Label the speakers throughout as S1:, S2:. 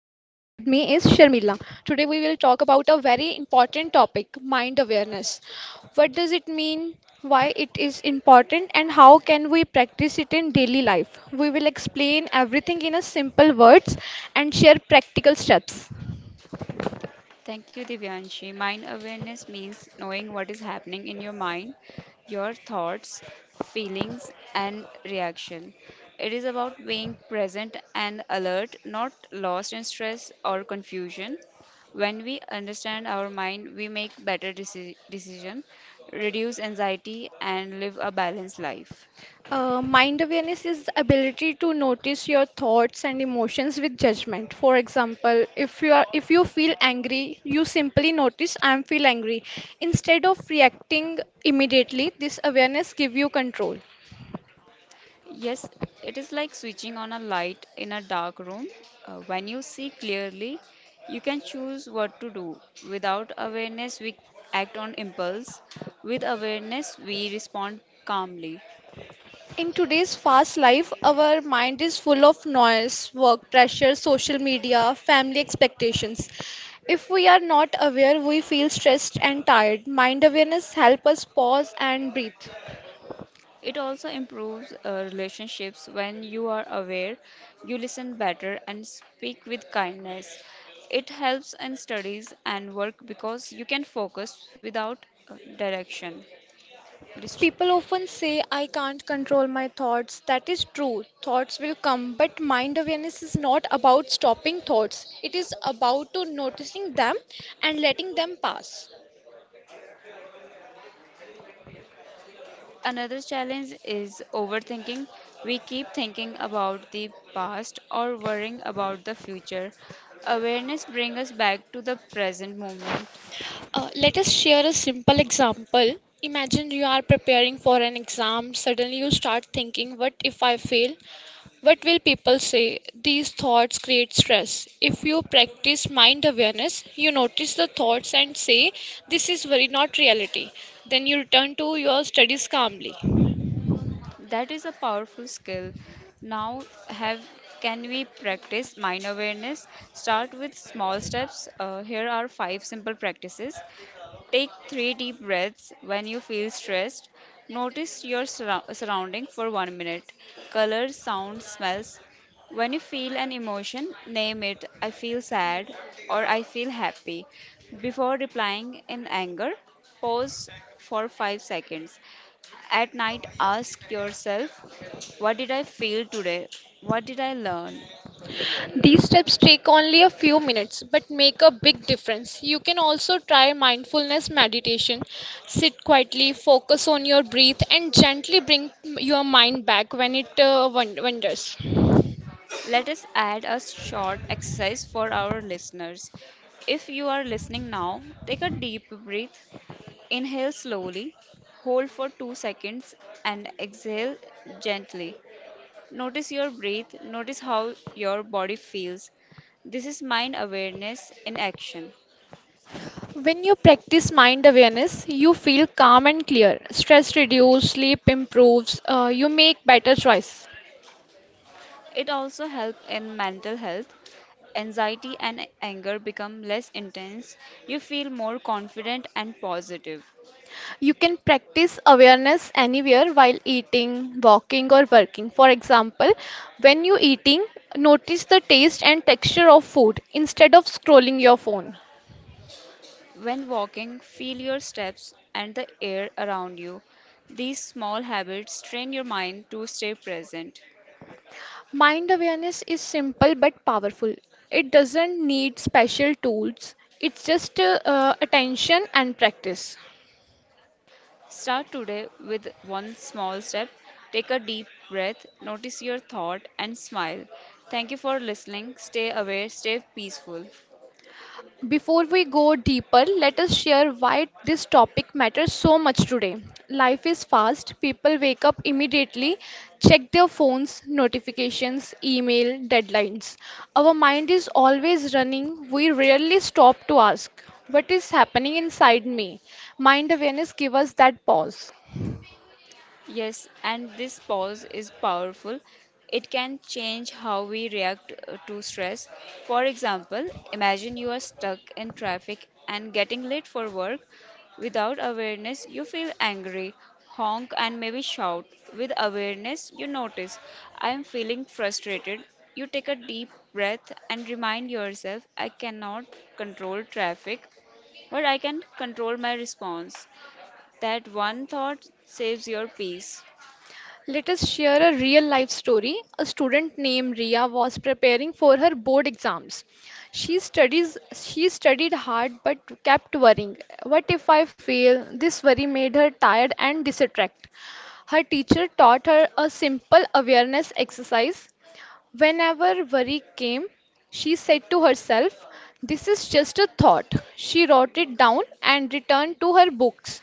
S1: Sharmila. Today we will talk about a very important topic, mind awareness. What does it mean? Why it is important and how can we practice it in daily life? We will explain everything in a simple words and share practical steps.
S2: Thank you, Divyanshi. Mind awareness means knowing what is happening in your mind, your thoughts, feelings, and reaction. It is about being present and alert, not lost in stress or confusion. When we understand our mind, we make better decision, reduce anxiety, and live a balanced life.
S1: Mind awareness is ability to notice your thoughts and emotions with judgment. For example, if you feel angry, you simply notice I am feel angry instead of reacting immediately. This awareness give you control.
S2: Yes, it is like switching on a light in a dark room. When you see clearly, you can choose what to do. Without awareness, we act on impulse. With awareness, we respond calmly.
S1: In today's fast life, our mind is full of noise, work pressure, social media, family expectations. If we are not aware, we feel stressed and tired. Mind awareness help us pause and breathe.
S2: It also improves relationships when you are aware, you listen better, and speak with kindness. It helps in studies and work because you can focus without direction. Dist-
S1: People often say, I can't control my thoughts. That is true. Thoughts will come, but mind awareness is not about stopping thoughts. It is about to noticing them and letting them pass.
S2: Another challenge is overthinking. We keep thinking about the past or worrying about the future. Awareness brings us back to the present moment.
S1: Let us share a simple example. Imagine you are preparing for an exam. Suddenly, you start thinking, what if I fail? What will people say? These thoughts create stress. If you practice mind awareness, you notice the thoughts and say, this is very not reality. Then you return to your studies calmly.
S2: That is a powerful skill. Now, have can we practice mind awareness? Start with small steps. Here are 5 simple practices. Take 3 deep breaths when you feel stressed. Notice your surrounding for 1 minute. Colors, sounds, smells. When you feel an emotion, name it, I feel sad or I feel happy. Before replying in anger, pause for 5 seconds. At night, ask yourself, what did I feel today? What did I learn?
S1: These steps take only a few minutes but make a big difference. You can also try mindfulness meditation. Sit quietly, focus on your breath, and gently bring your mind back when it wanders.
S2: Let us add a short exercise for our listeners. If you are listening now, take a deep breath. Inhale slowly, hold for 2 seconds, and exhale gently. Notice your breath, notice how your body feels. This is mind awareness in action.
S1: When you practice mind awareness, you feel calm and clear. Stress reduces, sleep improves, you make better choices.
S2: It also helps in mental health. Anxiety and anger become less intense. You feel more confident and positive.
S1: You can practice awareness anywhere while eating, walking, or working. For example, when you eating, notice the taste and texture of food instead of scrolling your phone.
S2: When walking, feel your steps and the air around you. These small habits train your mind to stay present.
S1: Mind awareness is simple but powerful. It doesn't need special tools, it's just attention and practice.
S2: Start today with one small step. Take a deep breath, notice your thought, and smile. Thank you for listening. Stay aware, stay peaceful.
S1: Before we go deeper, let us share why this topic matters so much today. Life is fast. People wake up immediately, check their phones, notifications, email, deadlines. Our mind is always running. We rarely stop to ask, what is happening inside me? Mind awareness gives us that pause.
S2: Yes, and this pause is powerful. It can change how we react to stress. For example, imagine you are stuck in traffic and getting late for work. Without awareness, you feel angry, honk, and maybe shout. With awareness, you notice, I am feeling frustrated. You take a deep breath and remind yourself, I cannot control traffic, but I can control my response. That one thought saves your peace.
S1: Let us share a real life story. A student named Ria was preparing for her board exams. She studied hard but kept worrying. What if I fail? This worry made her tired and distracted. Her teacher taught her a simple awareness exercise. Whenever worry came, she said to herself, this is just a thought. She wrote it down and returned to her books.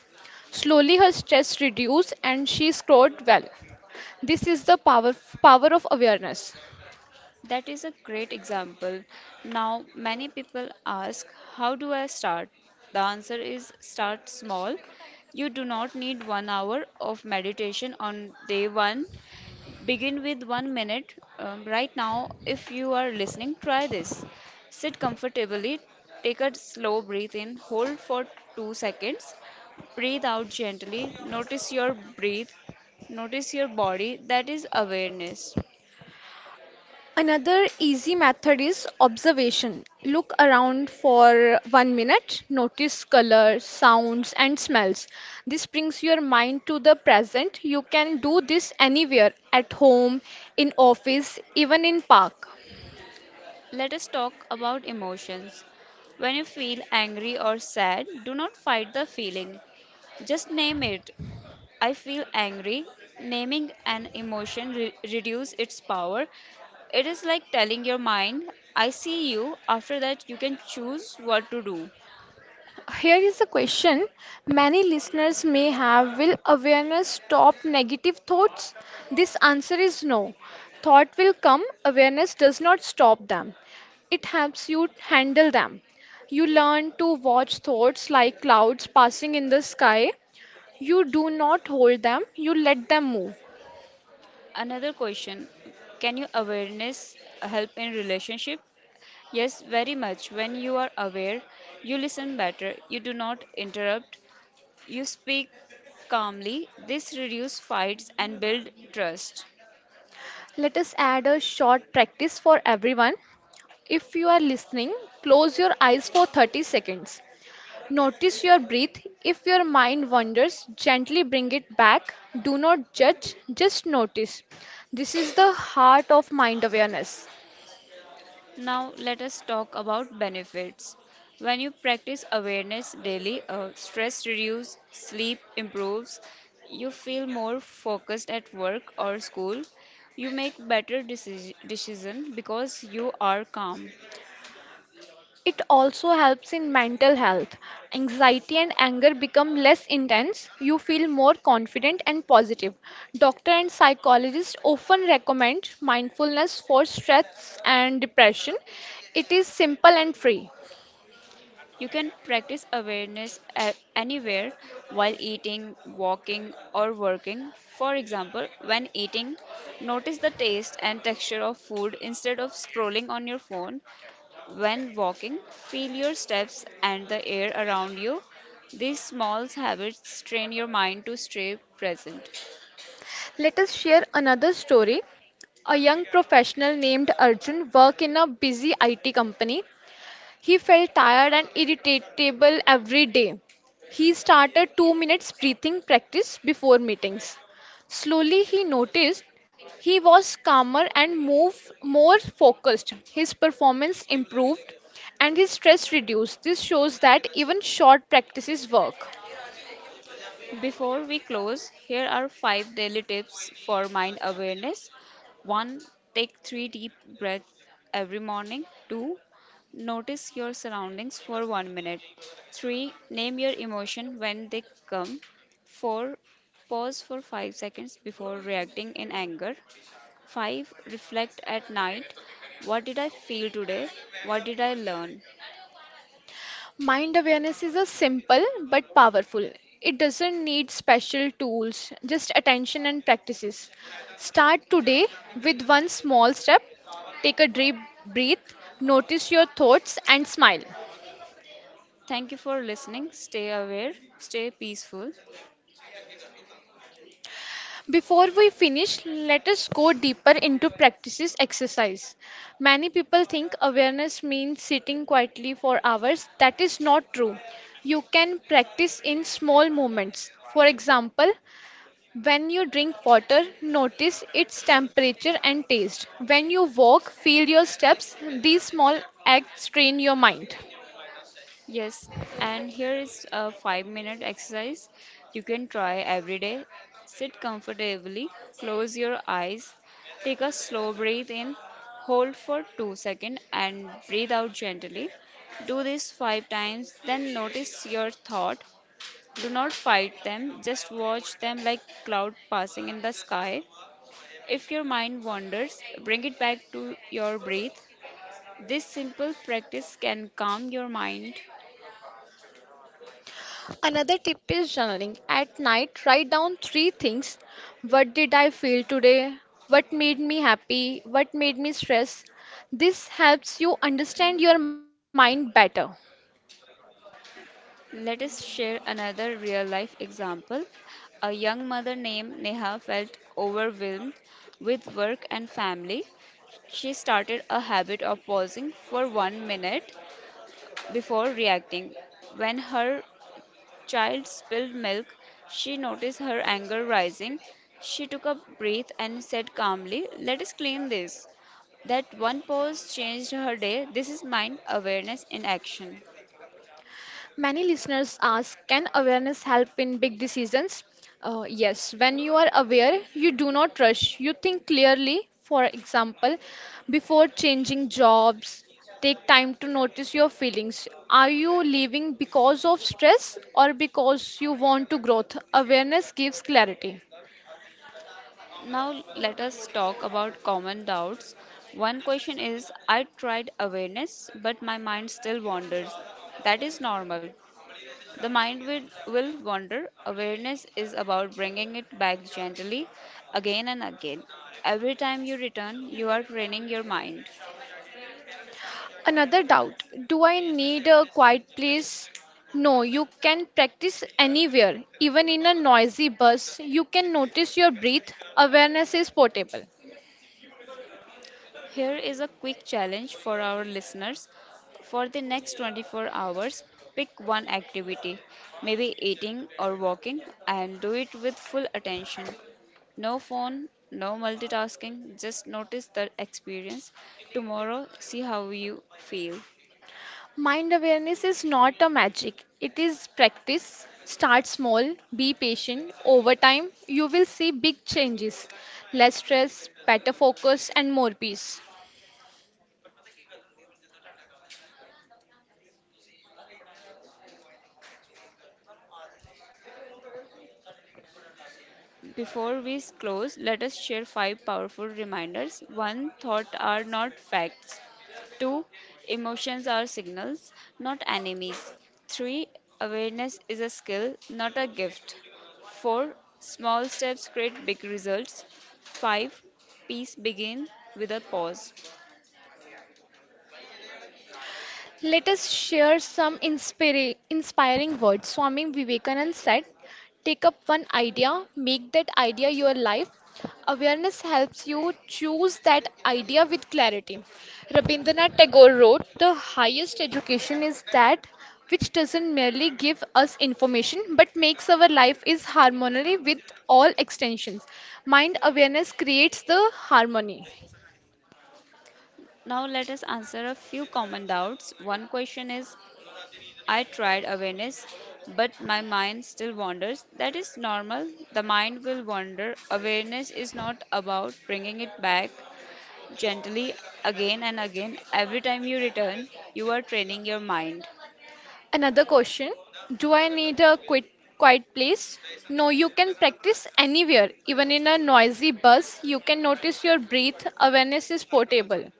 S1: Slowly her stress reduced and she scored well. This is the power of awareness.
S2: That is a great example. Now, many people ask, how do I start? The answer is start small. You do not need 1 hour of meditation on day one. Begin with 1 minute. Right now, if you are listening, try this. Sit comfortably, take a slow breath in, hold for 2 seconds, breathe out gently, notice your breath, notice your body. That is awareness.
S1: Another easy method is observation. Look around for 1 minute, notice colors, sounds, and smells. This brings your mind to the present. You can do this anywhere, at home, in office, even in park.
S2: Let us talk about emotions. When you feel angry or sad, do not fight the feeling. Just name it. I feel angry. Naming an emotion reduce its power. It is like telling your mind, I see you. After that, you can choose what to do.
S1: Here is a question many listeners may have. Will awareness stop negative thoughts? This answer is no. Thought will come, awareness does not stop them, it helps you handle them. You learn to watch thoughts like clouds passing in the sky. You do not hold them, you let them move.
S2: Another question, can you awareness help in relationship? Yes, very much. When you are aware, you listen better. You do not interrupt. You speak calmly. This reduces fights and build trust.
S1: Let us add a short practice for everyone. If you are listening, close your eyes for 30 seconds. Notice your breath. If your mind wanders, gently bring it back. Do not judge, just notice. This is the heart of mind awareness.
S2: Now let us talk about benefits. When you practice awareness daily, stress reduces, sleep improves, you feel more focused at work or school, you make better decision because you are calm.
S1: It also helps in mental health. Anxiety and anger become less intense. You feel more confident and positive. Doctor and psychologists often recommend mindfulness for stress and depression. It is simple and free.
S2: You can practice awareness anywhere while eating, walking, or working. For example, when eating, notice the taste and texture of food instead of scrolling on your phone. When walking, feel your steps and the air around you. These small habits train your mind to stay present.
S1: Let us share another story. A young professional named Arjun worked in a busy IT company. He felt tired and irritable every day. He started 2 minutes breathing practice before meetings. Slowly he noticed he was calmer and move more focused. His performance improved and his stress reduced. This shows that even short practices work.
S2: Before we close, here are 5 daily tips for mind awareness. 1. Take 3 deep breaths every morning. 2. Notice your surroundings for 1 minute. 3. Name your emotion when they come. 4. Pause for 5 seconds before reacting in anger. 5. Reflect at night. What did I feel today? What did I learn?
S1: Mind awareness is a simple but powerful. It doesn't need special tools, just attention and practices. Start today with one small step. Take a deep breath, notice your thoughts, and smile.
S2: Thank you for listening. Stay aware, stay peaceful.
S1: Before we finish, let us go deeper into practices exercise. Many people think awareness means sitting quietly for hours. That is not true. You can practice in small moments. For example, when you drink water, notice its temperature and taste. When you walk, feel your steps. These small acts train your mind.
S2: Yes, and here is a 5-minute exercise you can try every day. Sit comfortably, close your eyes, take a slow breath in, hold for 2 seconds, and breathe out gently. Do this 5 times, then notice your thought. Do not fight them, just watch them like cloud passing in the sky. If your mind wanders, bring it back to your breath. This simple practice can calm your mind.
S1: Another tip is journaling. At night, write down three things. What did I feel today? What made me happy? What made me stressed? This helps you understand your mind better.
S2: Let us share another real life example. A young mother named Neha felt overwhelmed with work and family. She started a habit of pausing for 1 minute before reacting. When her child spilled milk, she noticed her anger rising. She took a breath and said calmly, let us clean this. That one pause changed her day. This is mind awareness in action.
S1: Many listeners ask, can awareness help in big decisions? Yes, when you are aware, you do not rush. You think clearly, for example, before changing jobs, take time to notice your feelings. Are you leaving because of stress or because you want to growth? Awareness gives clarity.
S2: Now let us talk about common doubts. One question is, I tried awareness, but my mind still wanders. That is normal. The mind will wander. Awareness is about bringing it back gently again and again. Every time you return, you are training your mind.
S1: Another doubt, do I need a quiet place? No, you can practice anywhere, even in a noisy bus. You can notice your breath. Awareness is portable.
S2: Here is a quick challenge for our listeners. For the next 24 hours, pick one activity, maybe eating or walking, and do it with full attention. No phone, no multitasking, just notice the experience. Tomorrow, see how you feel.
S1: Mind awareness is not a magic, it is practice. Start small, be patient. Over time, you will see big changes, less stress, better focus, and more peace.
S2: Before we close, let us share 5 powerful reminders. One, thoughts are not facts. Two, emotions are signals, not enemies. Three, awareness is a skill, not a gift. Four, small steps create big results. Five, peace begin with a pause.
S1: Let us share some inspiring words. Swami Vivekananda said, take up one idea, make that idea your life. Awareness helps you choose that idea with clarity. Rabindranath Tagore wrote, the highest education is that which doesn't merely give us information but makes our life is harmony with all extensions. Mind awareness creates the harmony.
S2: Now let us answer a few common doubts. One question is, I tried awareness, but my mind still wanders. That is normal. The mind will wander. Awareness is not about bringing it back gently again and again. Every time you return, you are training your mind.
S1: Another question, do I need a quiet place? No, you can practice anywhere. Even in a noisy bus, you can notice your breath. Awareness is portable.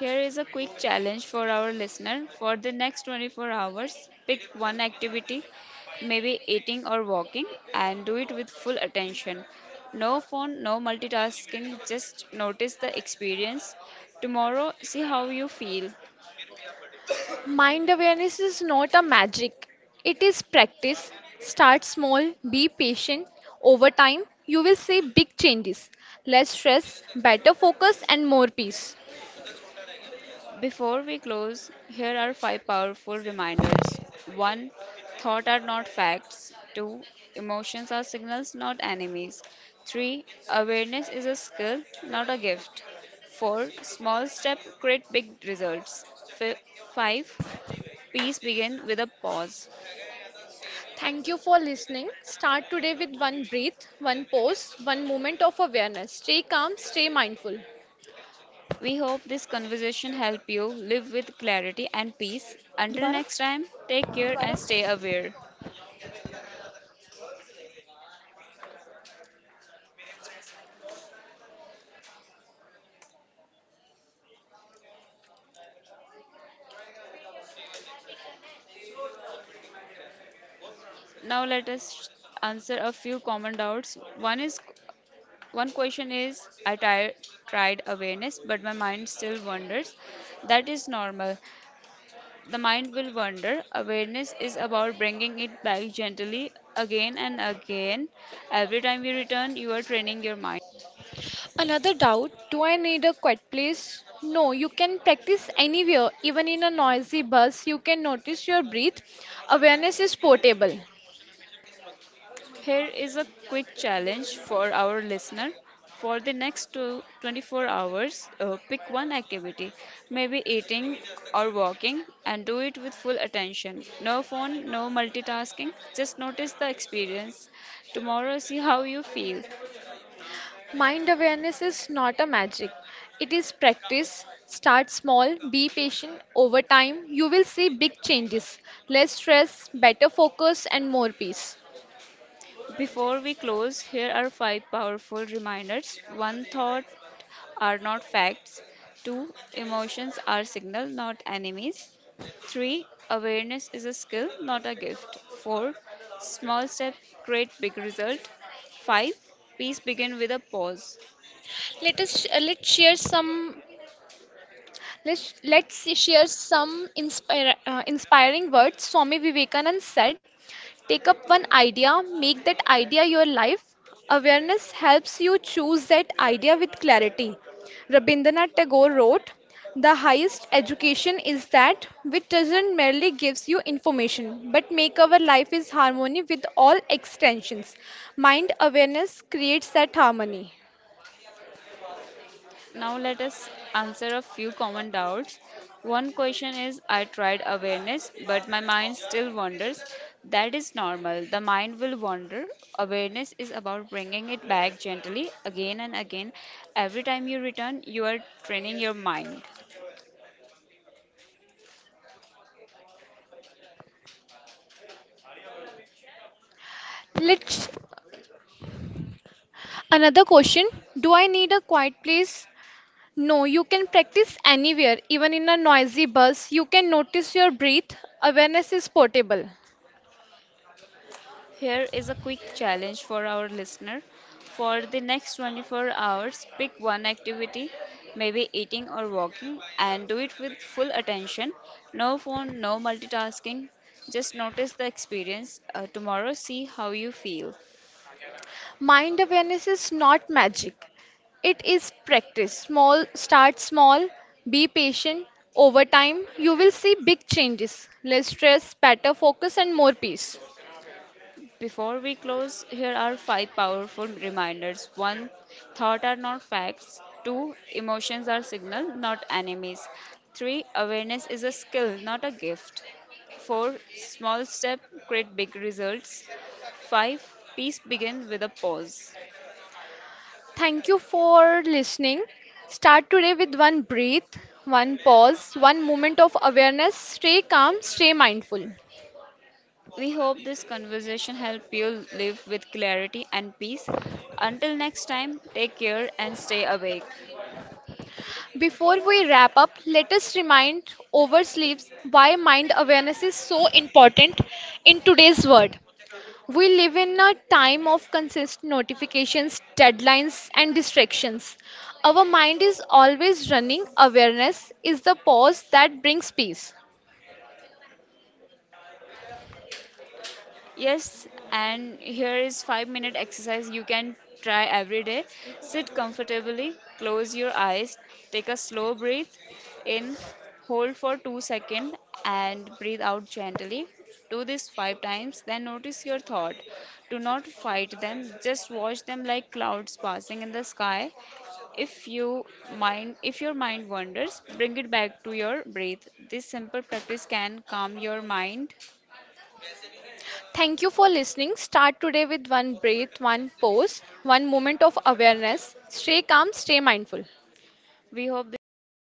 S2: Here is a quick challenge for our listener. For the next 24 hours, pick one activity, maybe eating or walking, and do it with full attention. No phone, no multitasking, just notice the experience. Tomorrow, see how you feel.
S1: Mind awareness is not a magic, it is practice. Start small, be patient. Over time, you will see big changes, less stress, better focus, and more peace.
S2: Before we close, here are 5 powerful reminders. 1. Thoughts are not facts. 2. Emotions are signals, not enemies. 3. Awareness is a skill, not a gift. 4. Small steps create big results. Fi 5. Peace begins with a pause.
S1: Thank you for listening. Start today with one breath, one pause, one moment of awareness. Stay calm, stay mindful.
S2: We hope this conversation helped you live with clarity and peace. Until
S1: दोबारा.
S2: next time, take care and stay aware. Now let us answer a few common doubts. One question is, tried awareness, but my mind still wanders. That is normal. The mind will wander. Awareness is about bringing it back gently again and again. Every time you return, you are training your mind.
S1: Another doubt, do I need a quiet place? No, you can practice anywhere, even in a noisy bus. You can notice your breath. Awareness is portable.
S2: Here is a quick challenge for our listener. For the 24 hours, pick one activity, maybe eating or walking, and do it with full attention. No phone, no multitasking, just notice the experience. Tomorrow, see how you feel.
S1: Mind awareness is not a magic, it is practice. Start small, be patient. Over time, you will see big changes, less stress, better focus, and more peace.
S2: Before we close, here are five powerful reminders. One, thought are not facts. Two, emotions are signal, not enemies. Three, awareness is a skill, not a gift. Four, small steps create big result. Five, peace begin with a pause.
S1: Let us let share some let's share some inspiring words. Swami Vivekananda said, take up one idea, make that idea your life. Awareness helps you choose that idea with clarity. Rabindranath Tagore wrote, the highest education is that which doesn't merely gives you information, but make our life is harmony with all extensions. Mind awareness creates that harmony.
S2: Now let us answer a few common doubts. One question is, I tried awareness, but my mind still wanders. That is normal. The mind will wander. Awareness is about bringing it back gently again and again. Every time you return, you are training your mind.
S1: Let's Another question. Do I need a quiet place? No, you can practice anywhere, even in a noisy bus. You can notice your breath. Awareness is portable.
S2: Here is a quick challenge for our listener. For the next 24 hours, pick one activity, maybe eating or walking, and do it with full attention. No phone, no multitasking. Just notice the experience. Tomorrow, see how you feel.
S1: Mind awareness is not magic, it is practice. Start small, be patient. Over time, you will see big changes, less stress, better focus, and more peace.
S2: Before we close, here are five powerful reminders. One, thoughts are not facts. Two, emotions are signal, not enemies. Three, awareness is a skill, not a gift. Four, small step create big results. Five, peace begin with a pause.
S1: Thank you for listening. Start today with one breath, one pause, one moment of awareness. Stay calm, stay mindful.
S2: We hope this conversation helped you live with clarity and peace. Until next time, take care and stay awake.
S1: Before we wrap up, let us remind oversleeps why mind awareness is so important in today's world. We live in a time of consistent notifications, deadlines, and distractions. Our mind is always running. Awareness is the pause that brings peace.
S2: Yes, and here is 5-minute exercise you can try every day. Sit comfortably, close your eyes, take a slow breath in, hold for 2 seconds and breathe out gently. Do this 5 times, then notice your thought. Do not fight them, just watch them like clouds passing in the sky. If you if your mind wanders, bring it back to your breath. This simple practice can calm your mind.
S1: Thank you for listening. Start today with one breath, one pause, one moment of awareness. Stay calm, stay mindful.
S2: We hope this conversation